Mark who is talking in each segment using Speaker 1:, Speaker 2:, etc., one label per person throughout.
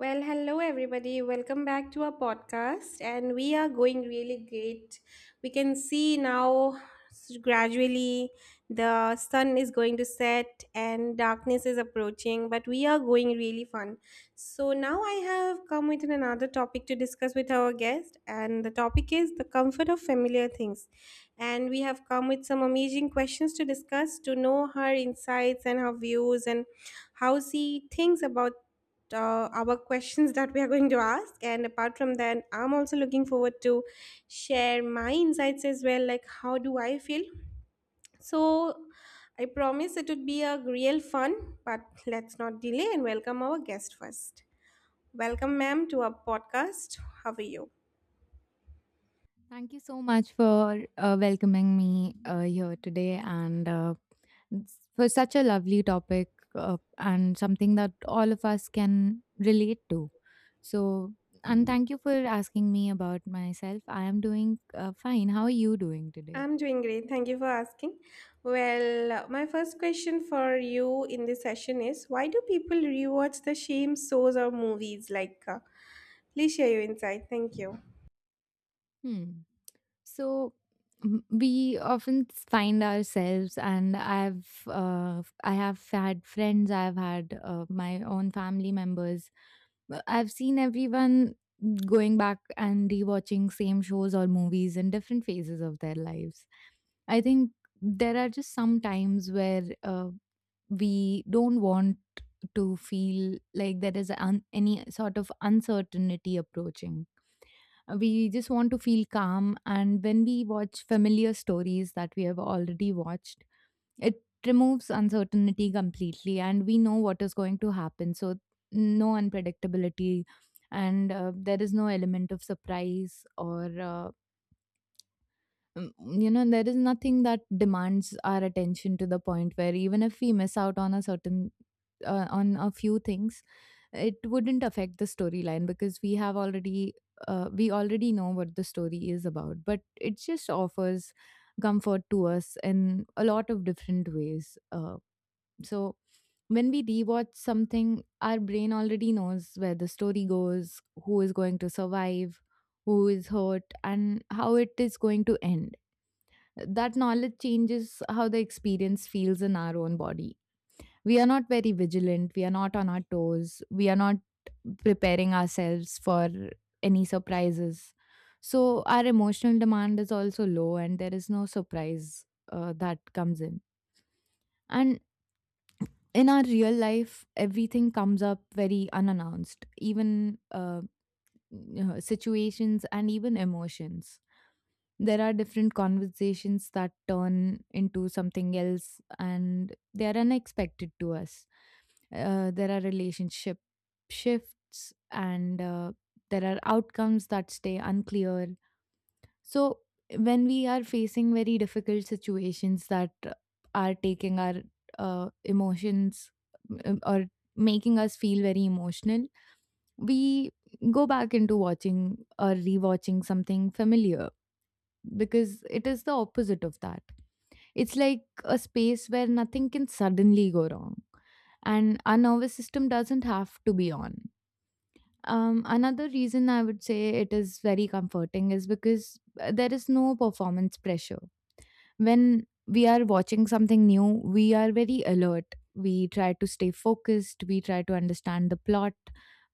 Speaker 1: Well, hello everybody. Welcome back to our podcast and we are going really great. We can see now gradually the sun is going to set and darkness is approaching, but we are going really fun. So now I have come with another topic to discuss with our guest and the topic is the comfort of familiar things. And we have come with some amazing questions to discuss to know her insights and her views and how she thinks about our questions that we are going to ask and apart from that I'm also looking forward to share my insights as well, like how do I feel. So I promise it would be a real fun, but let's not delay and welcome our guest first. Welcome ma'am to our podcast. How are you?
Speaker 2: Thank you so much for welcoming me here today and for such a lovely topic, and something that all of us can relate to. So, and thank you for asking me about myself. I am doing fine. How are you doing today?
Speaker 1: I'm doing great, thank you for asking. Well, my first question for you in this session is why do people rewatch the same shows or movies, please share your insight. Thank you.
Speaker 2: Hmm. So, we often find ourselves, and I have had friends, I've had my own family members. I've seen everyone going back and rewatching same shows or movies in different phases of their lives. I think there are just some times where we don't want to feel like there is any sort of uncertainty approaching. We just want to feel calm. And when we watch familiar stories that we have already watched, it removes uncertainty completely, and we know what is going to happen. So, no unpredictability, and there is no element of surprise or. Mm, you know There is nothing that demands our attention to the point where even if we miss out on a certain on a few things, it wouldn't affect the storyline because we already know what the story is about, but it just offers comfort to us in a lot of different ways. So when we rewatch something, our brain already knows where the story goes, who is going to survive, who is hurt, and how it is going to end. That knowledge changes how the experience feels in our own body. We are not very vigilant, we are not on our toes, we are not preparing ourselves for any surprises. So, our emotional demand is also low, and there is no surprise that comes in. And in our real life, everything comes up very unannounced, even, you know, situations and even emotions. There are different conversations that turn into something else and they are unexpected to us. There are relationship shifts and, there are outcomes that stay unclear. So, when we are facing very difficult situations that are taking our emotions or making us feel very emotional, we go back into watching or rewatching something familiar because it is the opposite of that. It's like a space where nothing can suddenly go wrong and our nervous system doesn't have to be on. Another reason I would say it is very comforting is because there is no performance pressure. When we are watching something new, we are very alert. We try to stay focused, we try to understand the plot,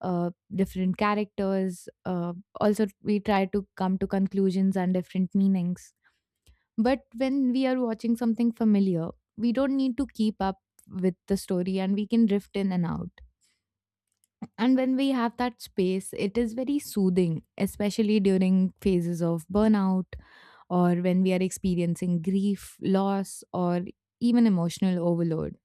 Speaker 2: different characters. Also, we try to come to conclusions and different meanings. But when we are watching something familiar, we don't need to keep up with the story and we can drift in and out. And when we have that space, it is very soothing, especially during phases of burnout or when we are experiencing grief, loss, or even emotional overload.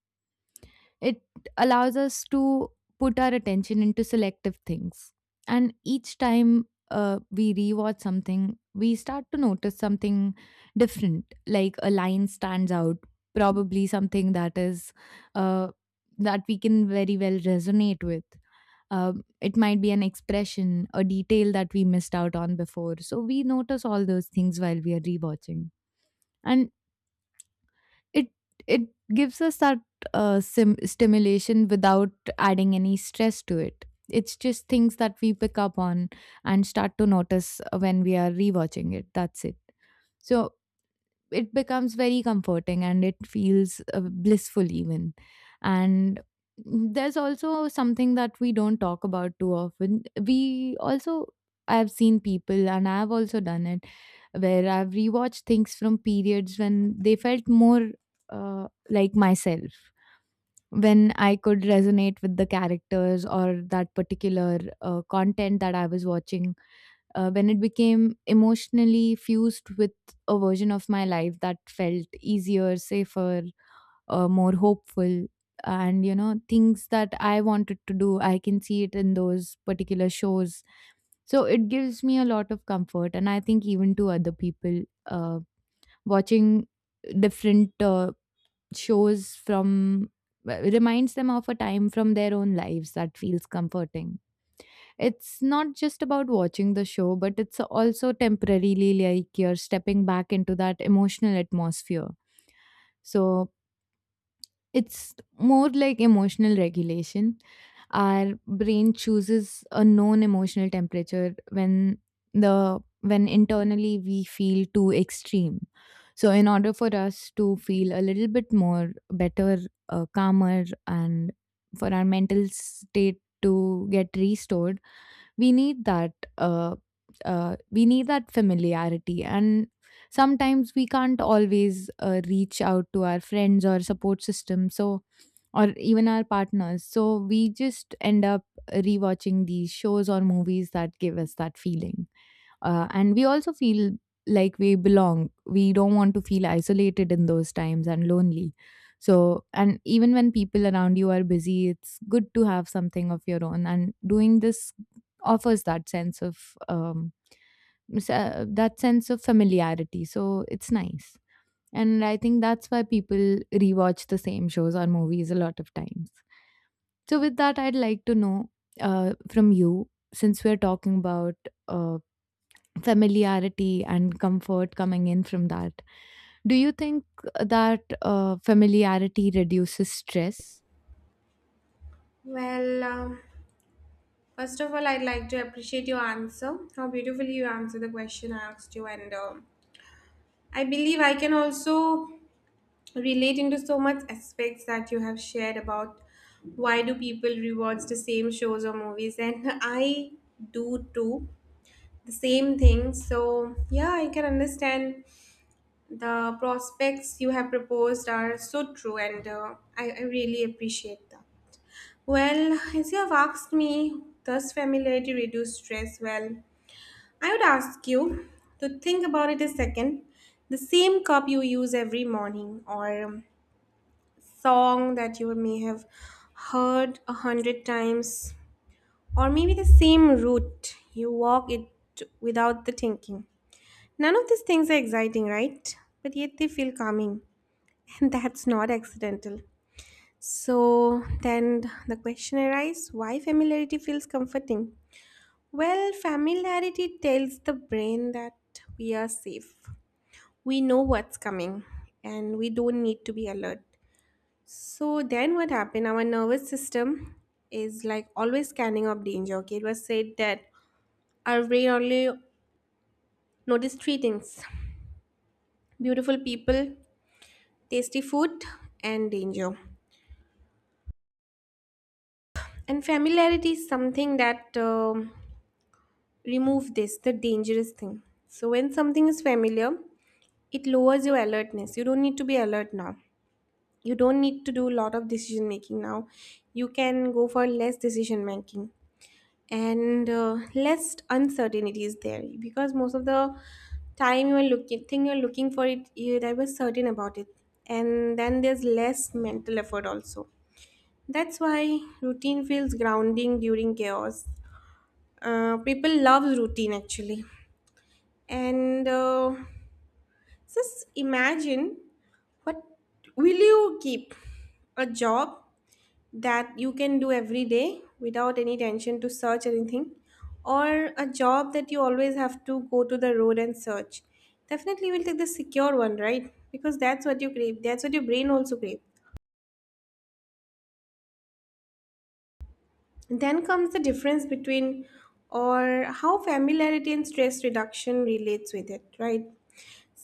Speaker 2: It allows us to put our attention into selective things. And each time we rewatch something, we start to notice something different, like a line stands out, probably something uh, that we can very well resonate with. It might be an expression, a detail that we missed out on before. So we notice all those things while we are rewatching, and it it gives us that stimulation without adding any stress to it. It's just things that we pick up on and start to notice when we are rewatching it. That's it. So it becomes very comforting and it feels blissful even. And there's also something that we don't talk about too often. We also, I've seen people and I've also done it, where I've rewatched things from periods when they felt more like myself, when I could resonate with the characters or that particular content that I was watching, when it became emotionally fused with a version of my life that felt easier, safer, more hopeful. And, you know, things that I wanted to do, I can see it in those particular shows. So it gives me a lot of comfort. And I think even to other people, watching different shows from reminds them of a time from their own lives that feels comforting. It's not just about watching the show, but it's also temporarily like you're stepping back into that emotional atmosphere. So it's more like emotional regulation. Our brain chooses a known emotional temperature when the when internally we feel too extreme. So in order for us to feel a little bit more better, calmer, and for our mental state to get restored, we need that uh, we need that familiarity. And sometimes we can't always reach out to our friends or support system, so or even our partners, so we just end up rewatching these shows or movies that give us that feeling. And we also feel like we belong. We don't want to feel isolated in those times and lonely. So, and even when people around you are busy, it's good to have something of your own, and doing this offers that sense of um that sense of familiarity. So it's nice. And I think that's why people rewatch the same shows or movies a lot of times. So with that, I'd like to know from you, since we're talking about uh, familiarity and comfort coming in from that. Do you think that familiarity reduces stress?
Speaker 1: Well, first of all, I'd like to appreciate your answer. How beautifully you answered the question I asked you, and I believe I can also relate into so much aspects that you have shared about why do people rewatch the same shows or movies, and I do too the same thing. So yeah, I can understand the prospects you have proposed are so true, and I really appreciate that. Well, as you have asked me, does familiarity reduce stress? Well, I would ask you to think about it a second. The same cup you use every morning, or song that you may have heard a hundred times, or maybe the same route you walk it without the thinking. None of these things are exciting, right? But yet they feel calming, and that's not accidental. So then the question arises, why familiarity feels comforting? Well, familiarity tells the brain that we are safe. We know what's coming and we don't need to be alert. So then what happened? Our nervous system is like always scanning of danger. Okay, it was said that our brain only notice three things: beautiful people, tasty food, and danger. And familiarity is something that remove this, the dangerous thing. So when something is familiar, it lowers your alertness. You don't need to be alert now. You don't need to do a lot of decision making now, you can go for less decision making, and less uncertainty is there because most of the time you're looking for it, you that was certain about it. And then there's less mental effort also. That's why routine feels grounding during chaos. People love routine actually. And Just imagine, what, will you keep a job that you can do every day without any tension to search anything, or a job that you always have to go to the road and search? Definitely we'll take the secure one, right? Because that's what you crave, that's what your brain also crave. Then comes the difference between, or how familiarity and stress reduction relates with it, right?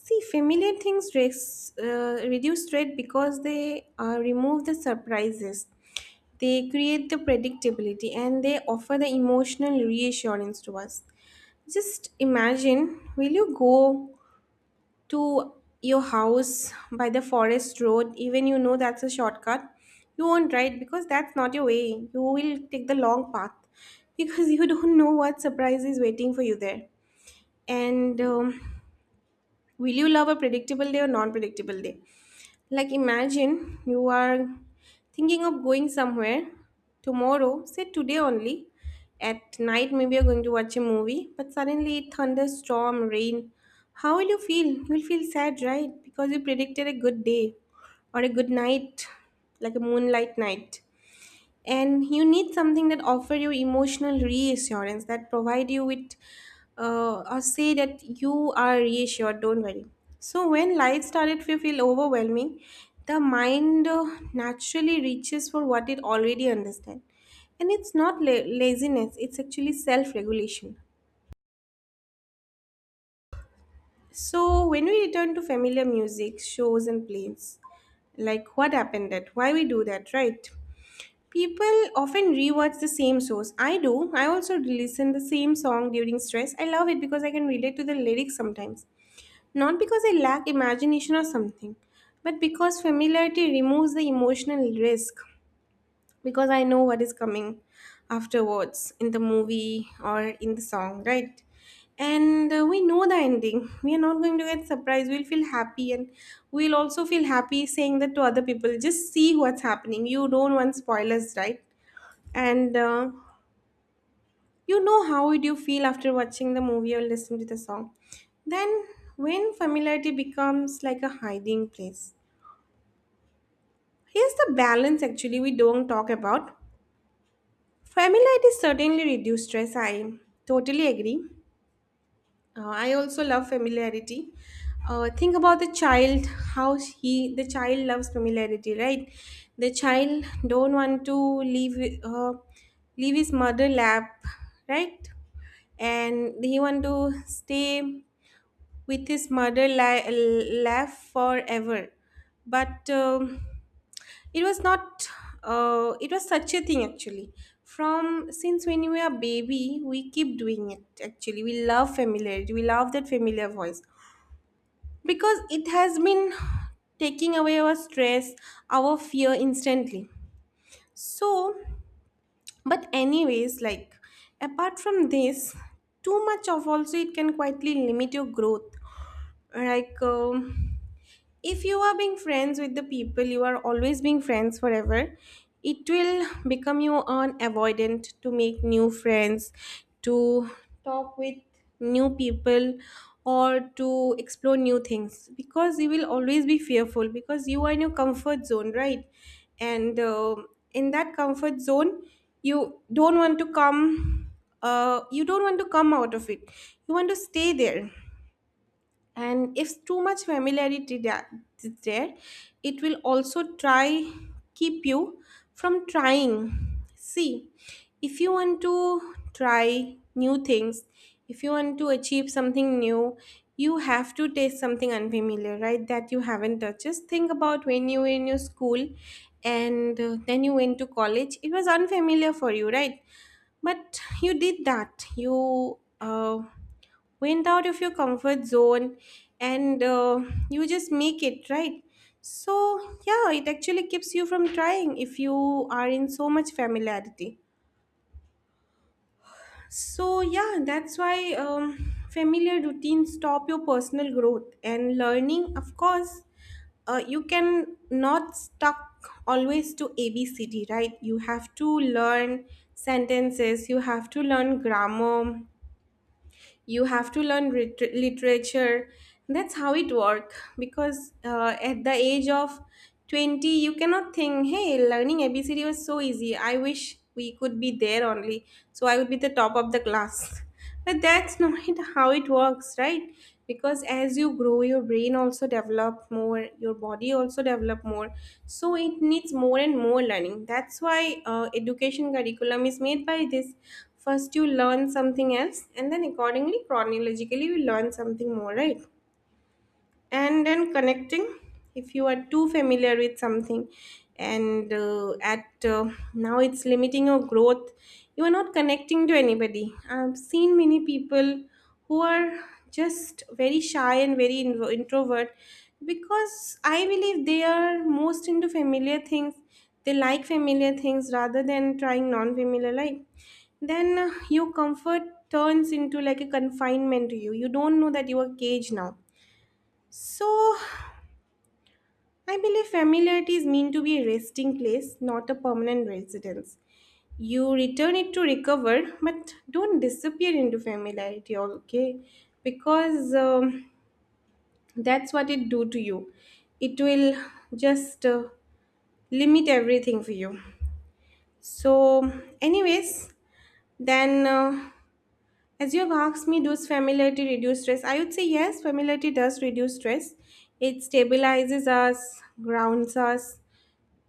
Speaker 1: See, familiar things reduce threat because they remove the surprises. They create the predictability and they offer the emotional reassurance to us. Just imagine, will you go to your house by the forest road, even you know that's a shortcut? You won't, right? Because that's not your way. You will take the long path because you don't know what surprise is waiting for you there. And will you love a predictable day or non predictable day? Like, imagine you are thinking of going somewhere tomorrow, say today only. At night, maybe you're going to watch a movie, but suddenly it thunderstorm, rain. How will you feel? You will feel sad, right? Because you predicted a good day or a good night, like a moonlight night, and you need something that offer you emotional reassurance, that provide you with or say that you are reassured, don't worry. So when life started to feel overwhelming, the mind naturally reaches for what it already understands, and it's not laziness, it's actually self-regulation. So when we return to familiar music, shows and plays, like what happened, that why we do that, right? People often rewatch the same shows. I do. I also listen the same song during stress. I love it because I can relate to the lyrics sometimes. Not because I lack imagination or something, but because familiarity removes the emotional risk, because I know what is coming afterwards in the movie or in the song, right? And we know the ending. We are not going to get surprised. We'll feel happy and we'll also feel happy saying that to other people. Just see what's happening. You don't want spoilers, right? and You know how would you feel after watching the movie or listening to the song. Then when familiarity becomes like a hiding place, here's the balance actually we don't talk about. Familiarity certainly reduce stress, I totally agree. I also love familiarity. Think about the child, how the child loves familiarity, right? The child don't want to leave, leave his mother lap, right? And he want to stay with his mother lap forever. But it was not, it was such a thing actually. From since when we were a baby we keep doing it actually. We love familiarity, we love that familiar voice because it has been taking away our stress, our fear instantly. So, but anyways, like, apart from this, too much of also it can quietly limit your growth. Like, if you are being friends with the people you are always being friends forever, it will become you an avoidant to make new friends, to talk with new people, or to explore new things, because you will always be fearful because you are in your comfort zone, right? And in that comfort zone, you don't want to come you don't want to come out of it, you want to stay there. And if too much familiarity is there, it will also try keep you from trying. See, if you want to try new things, if you want to achieve something new, you have to taste something unfamiliar, right? That you haven't touched. Just think about when you were in your school, and then you went to college, it was unfamiliar for you, right? But you did that. You went out of your comfort zone, and you just make it, right? So, yeah, it actually keeps you from trying if you are in so much familiarity. So, yeah, that's why familiar routines stop your personal growth and learning, of course. You can not stuck always to ABCD, right? You have to learn sentences, you have to learn grammar, you have to learn literature. That's how it work, because at the age of 20 you cannot think, hey, learning abcd was so easy, I wish we could be there only, so I would be the top of the class. But that's not how it works, right? Because as you grow, your brain also develop more, your body also develop more, so it needs more and more learning. That's why education curriculum is made by this. First you learn something else, and then accordingly chronologically you learn something more, right? And then connecting, if you are too familiar with something, and at now it's limiting your growth, you are not connecting to anybody. I've seen many people who are just very shy and very introvert, because I believe they are most into familiar things. They like familiar things rather than trying non-familiar life. Then your comfort turns into like a confinement to you, you don't know that you are caged now. So, I believe familiarity is meant to be a resting place, not a permanent residence. You return it to recover, but don't disappear into familiarity, okay? Because that's what it do to you. It will just limit everything for you. So, anyways, then as you have asked me, does familiarity reduce stress? I would say yes, familiarity does reduce stress. It stabilizes us, grounds us.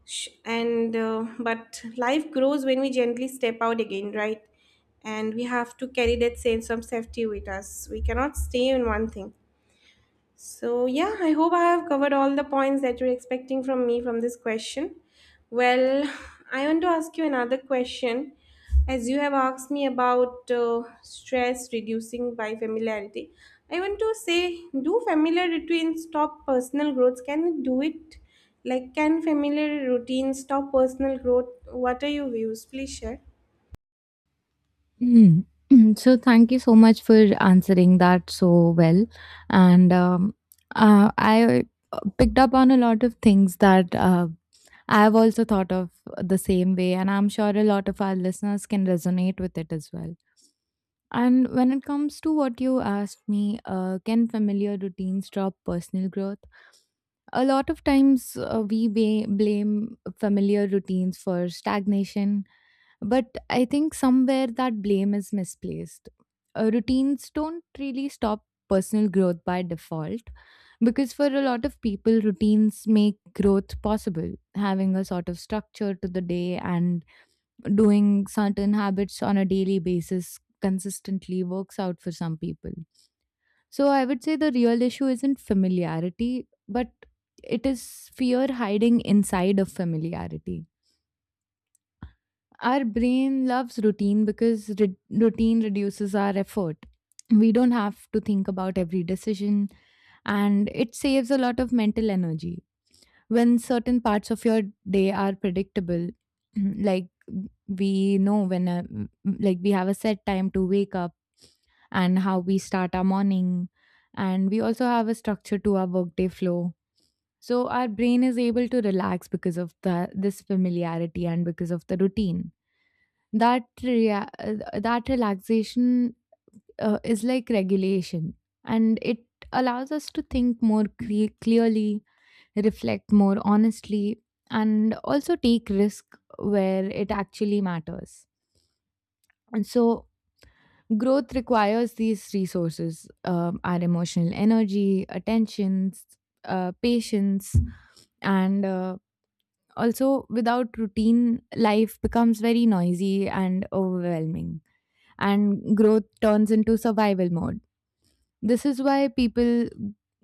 Speaker 1: Sh- and But life grows when we gently step out again, right? And we have to carry that sense of safety with us, we cannot stay in one thing. So, yeah, I hope I have covered all the points that you're expecting from me from this question. Well, I want to ask you another question. As you have asked me about stress reducing by familiarity, I want to say, do familiar routines stop personal growth? Can it do it? Like, can familiar routines stop personal growth? What are your views? Please share.
Speaker 2: Hmm. So thank you so much for answering that so well. And I picked up on a lot of things that I've also thought of the same way, and I'm sure a lot of our listeners can resonate with it as well. And when it comes to what you asked me, can familiar routines stop personal growth? A lot of times we blame familiar routines for stagnation, but I think somewhere that blame is misplaced. Routines don't really stop personal growth by default, because for a lot of people, routines make growth possible. Having a sort of structure to the day and doing certain habits on a daily basis consistently works out for some people. So I would say the real issue isn't familiarity, but it is fear hiding inside of familiarity. Our brain loves routine because routine reduces our effort. We don't have to think about every decision, and it saves a lot of mental energy when certain parts of your day are predictable. Like, we know when like we have a set time to wake up and how we start our morning, and we also have a structure to our workday flow. So our brain is able to relax because of the this familiarity and because of the routine. That rea- uh, that relaxation is like regulation, and it allows us to think more clearly, reflect more honestly, and also take risk where it actually matters. And so, growth requires these resources, our emotional energy, attentions, patience, and, also without routine, life becomes very noisy and overwhelming, and growth turns into survival mode. This is why people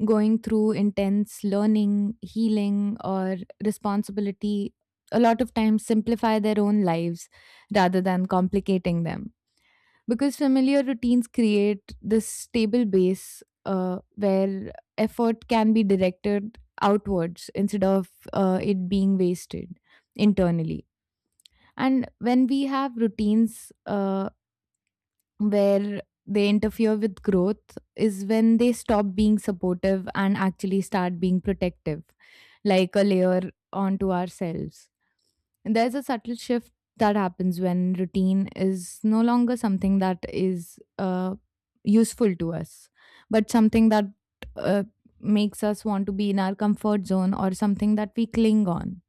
Speaker 2: going through intense learning, healing, or responsibility a lot of times simplify their own lives rather than complicating them. Because familiar routines create this stable base where effort can be directed outwards instead of it being wasted internally. And when we have routines, where they interfere with growth is when they stop being supportive and actually start being protective, like a layer onto ourselves. And there's a subtle shift that happens when routine is no longer something that is useful to us, but something that uh, makes us want to be in our comfort zone or something that we cling on.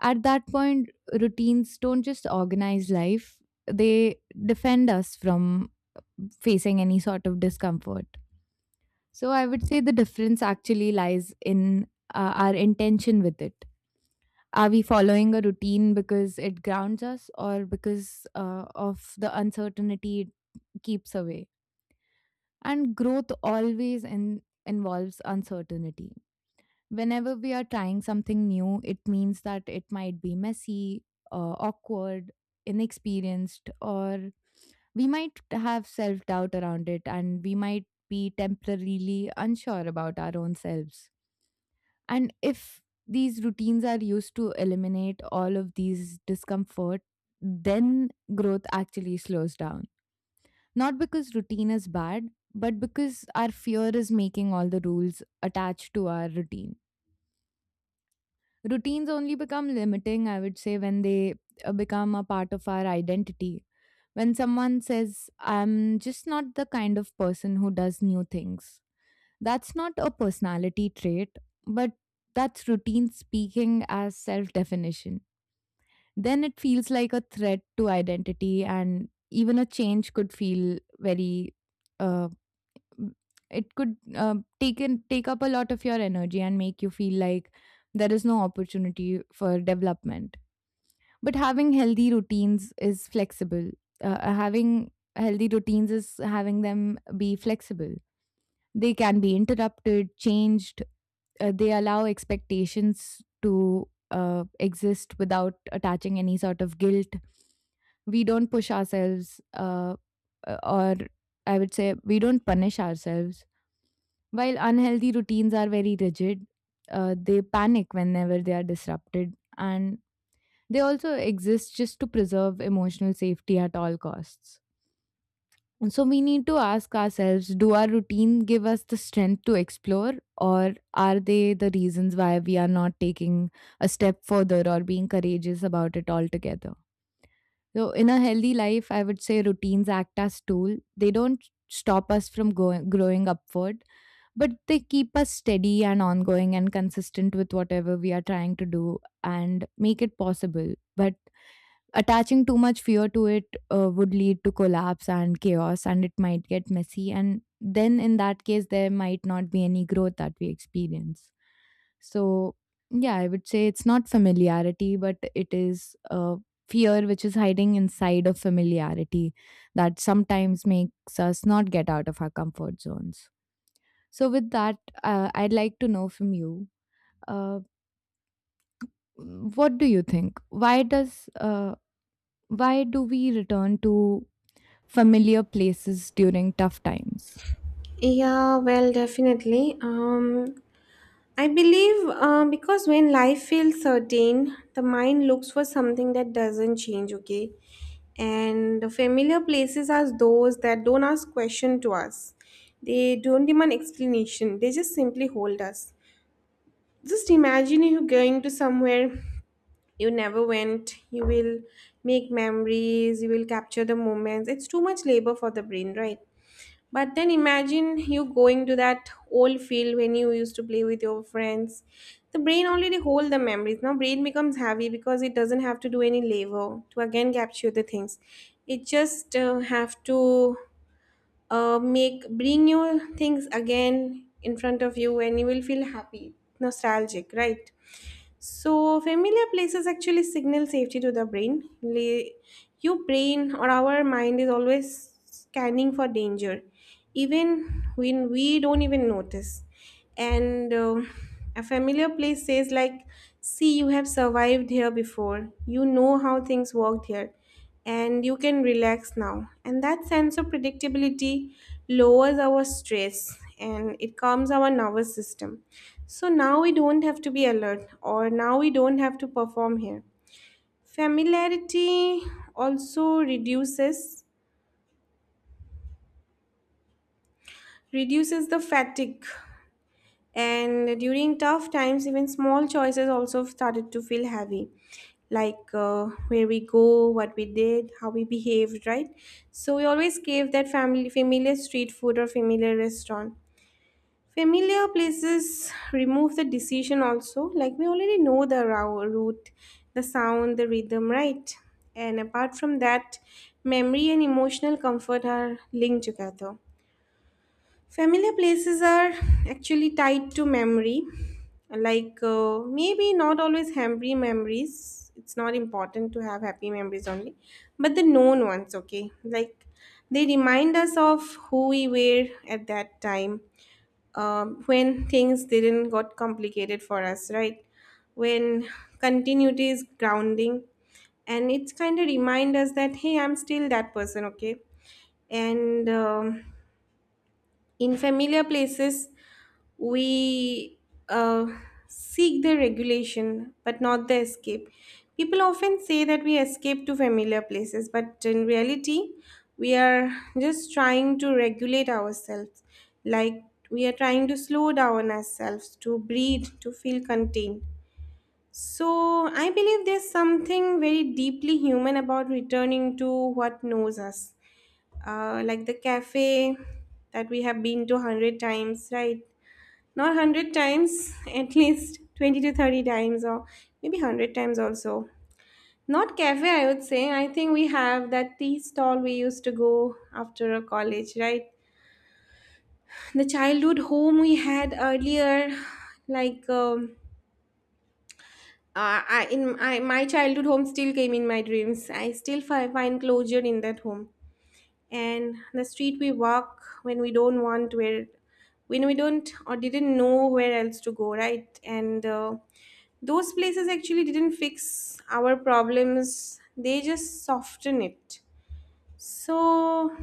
Speaker 2: At that point, routines don't just organize life, they defend us from facing any sort of discomfort. So I would say the difference actually lies in our intention with it. Are we following a routine because it grounds us or because of the uncertainty it keeps away? And growth always involves uncertainty. Whenever we are trying something new, it means that it might be messy, awkward, inexperienced, or we might have self doubt around it and we might be temporarily unsure about our own selves. And if these routines are used to eliminate all of these discomfort, then growth actually slows down. Not because routine is bad, but because our fear is making all the rules attached to our routine. Routines only become limiting, I would say, when they become a part of our identity. When someone says, I'm just not the kind of person who does new things, that's not a personality trait, but that's routine speaking as self definition. Then it feels like a threat to identity, and even a change could feel very uh, it could take in, take up a lot of your energy and make you feel like there is no opportunity for development. But having healthy routines is having them be flexible. They can be interrupted, changed. They allow expectations to exist without attaching any sort of guilt. We don't push ourselves , or I would say we don't punish ourselves, while unhealthy routines are very rigid. They panic whenever they are disrupted, and they also exist just to preserve emotional safety at all costs. And so we need to ask ourselves, do our routine give us the strength to explore, or are they the reasons why we are not taking a step further or being courageous about it altogether? So, in a healthy life, I would say routines act as tool. They don't stop us from growing upward, but they keep us steady and ongoing and consistent with whatever we are trying to do and make it possible. But attaching too much fear to it would lead to collapse and chaos, and it might get messy. And then, in that case, there might not be any growth that we experience. So, yeah, I would say it's not familiarity, but it is fear which is hiding inside of familiarity that sometimes makes us not get out of our comfort zones. So, with that, I'd like to know from you, uh, what do you think? Why does why do we return to familiar places during tough times?
Speaker 1: Yeah, well, definitely. I believe because when life feels certain, the mind looks for something that doesn't change, okay? And the familiar places are those that don't ask question to us. They don't demand explanation, they just simply hold us. Just imagine you going to somewhere you never went, you will make memories, you will capture the moments. It's too much labor for the brain, right? But then imagine you going to that old field when you used to play with your friends. The brain already hold the memories. Now brain becomes heavy because it doesn't have to do any labor to again capture the things. It just have to make bring your things again in front of you and you will feel happy, nostalgic, right? So, familiar places actually signal safety to the brain. Your brain or our mind is always scanning for danger, even when we don't even notice. And a familiar place says, like, see, you have survived here before, you know how things worked here and you can relax now. And that sense of predictability lowers our stress and it calms our nervous system. So now we don't have to be alert or now we don't have to perform here. Familiarity also reduces the fatigue. And during tough times, even small choices also started to feel heavy, like where we go, what we did, how we behaved, right? So we always gave that family familiar street food or familiar restaurant. Familiar places remove the decision also, like we already know the route, the sound, the rhythm, right? And apart from that, memory and emotional comfort are linked together. Familiar places are actually tied to memory. Like, maybe not always happy memories. It's not important to have happy memories only, but the known ones, okay? Like, they remind us of who we were at that time when things didn't got complicated for us, right? When continuity is grounding and it's kind of remind us that, hey, I'm still that person, okay. And in familiar places, we uh, seek the regulation but not the escape. People often say that we escape to familiar places, but in reality, we are just trying to regulate ourselves. Like, we are trying to slow down ourselves, to breathe, to feel contained. So, I believe there's something very deeply human about returning to what knows us, like the cafe that we have been to 100 times, right? Not 100 times, at least 20 to 30 times, or maybe 100 times also. Not cafe, I would say. I think we have that tea stall we used to go after a college, right? The childhood home we had earlier, like my childhood home still came in my dreams. I still find closure in that home. And the street we walk when we don't want, where when we don't or didn't know where else to go, right? And those places actually didn't fix our problems, they just soften it. So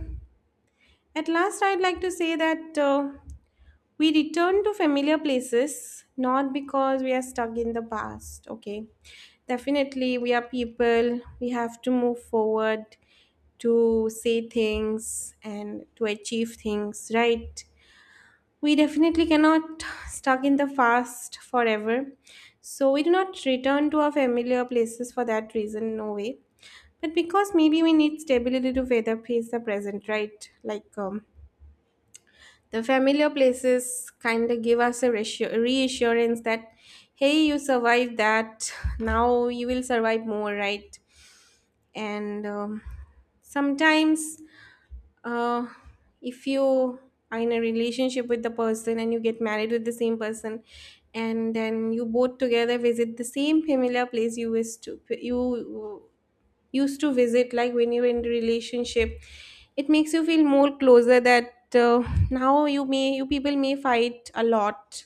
Speaker 1: at last, I'd like to say that we return to familiar places not because we are stuck in the past, okay. Definitely we are people, we have to move forward, to say things and to achieve things, right? We definitely cannot stuck in the past forever. So we do not return to our familiar places for that reason, no way. But because maybe we need stability to weather face the present, right? Like the familiar places kind of give us a reassurance that, hey, you survived that. Now you will survive more, right? And sometimes uh, if you are in a relationship with the person and you get married with the same person and then you both together visit the same familiar place you used to visit, like when you're in a relationship, it makes you feel more closer. That now you may you people may fight a lot,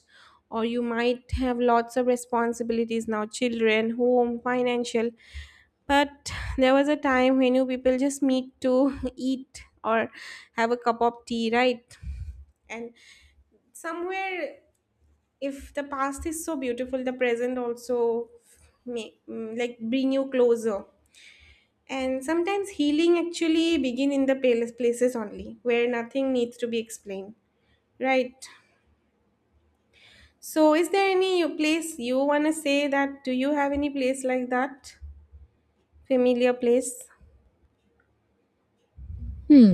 Speaker 1: or you might have lots of responsibilities now, children, home, financial, but there was a time when you people just meet to eat or have a cup of tea, right? And somewhere, if the past is so beautiful, the present also may, like, bring you closer. And sometimes healing actually begin in the palest places only, where nothing needs to be explained. Right. So is there any place you wanna say that, do you have any place like that? Familiar place?
Speaker 2: Hmm.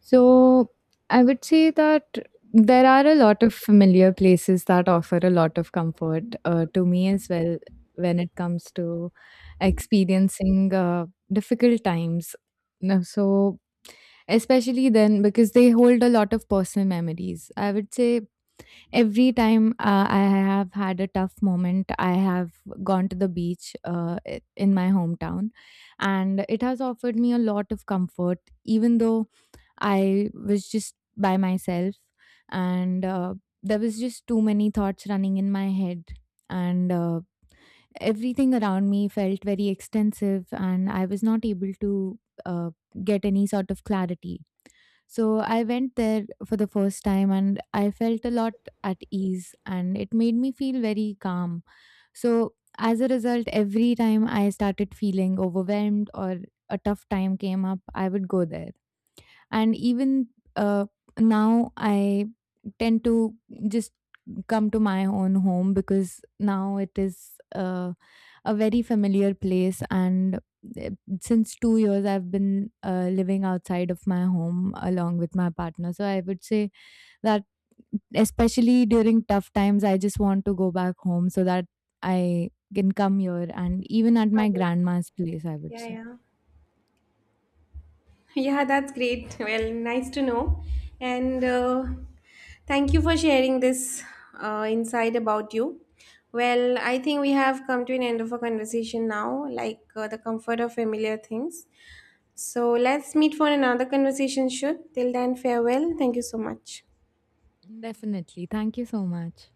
Speaker 2: So I would say that there are a lot of familiar places that offer a lot of comfort to me as well when it comes to experiencing difficult times. No. So especially then, because they hold a lot of personal memories. I would say, every time I have had a tough moment, I have gone to the beach in my hometown, and it has offered me a lot of comfort, even though I was just by myself and, there was just too many thoughts running in my head, and, everything around me felt very extensive, and I was not able to uh, get any sort of clarity. So I went there for the first time and I felt a lot at ease and it made me feel very calm. So as a result, every time I started feeling overwhelmed or a tough time came up, I would go there. And even uh, now, I tend to just come to my own home because now it is. A very familiar place, and eh, since 2 years I've been living outside of my home along with my partner. So I would say that especially during tough times I just want to go back home so that I can come here, and even at my grandma's place, I would
Speaker 1: Yeah,
Speaker 2: say.
Speaker 1: yeah. Yeah, that's great. Well, nice to know. And thank you for sharing this insight about you. Well, I think we have come to an end of our conversation now, like the comfort of familiar things. So let's meet for another conversation, should. Till then, farewell. Thank you so much.
Speaker 2: Definitely. Thank you so much.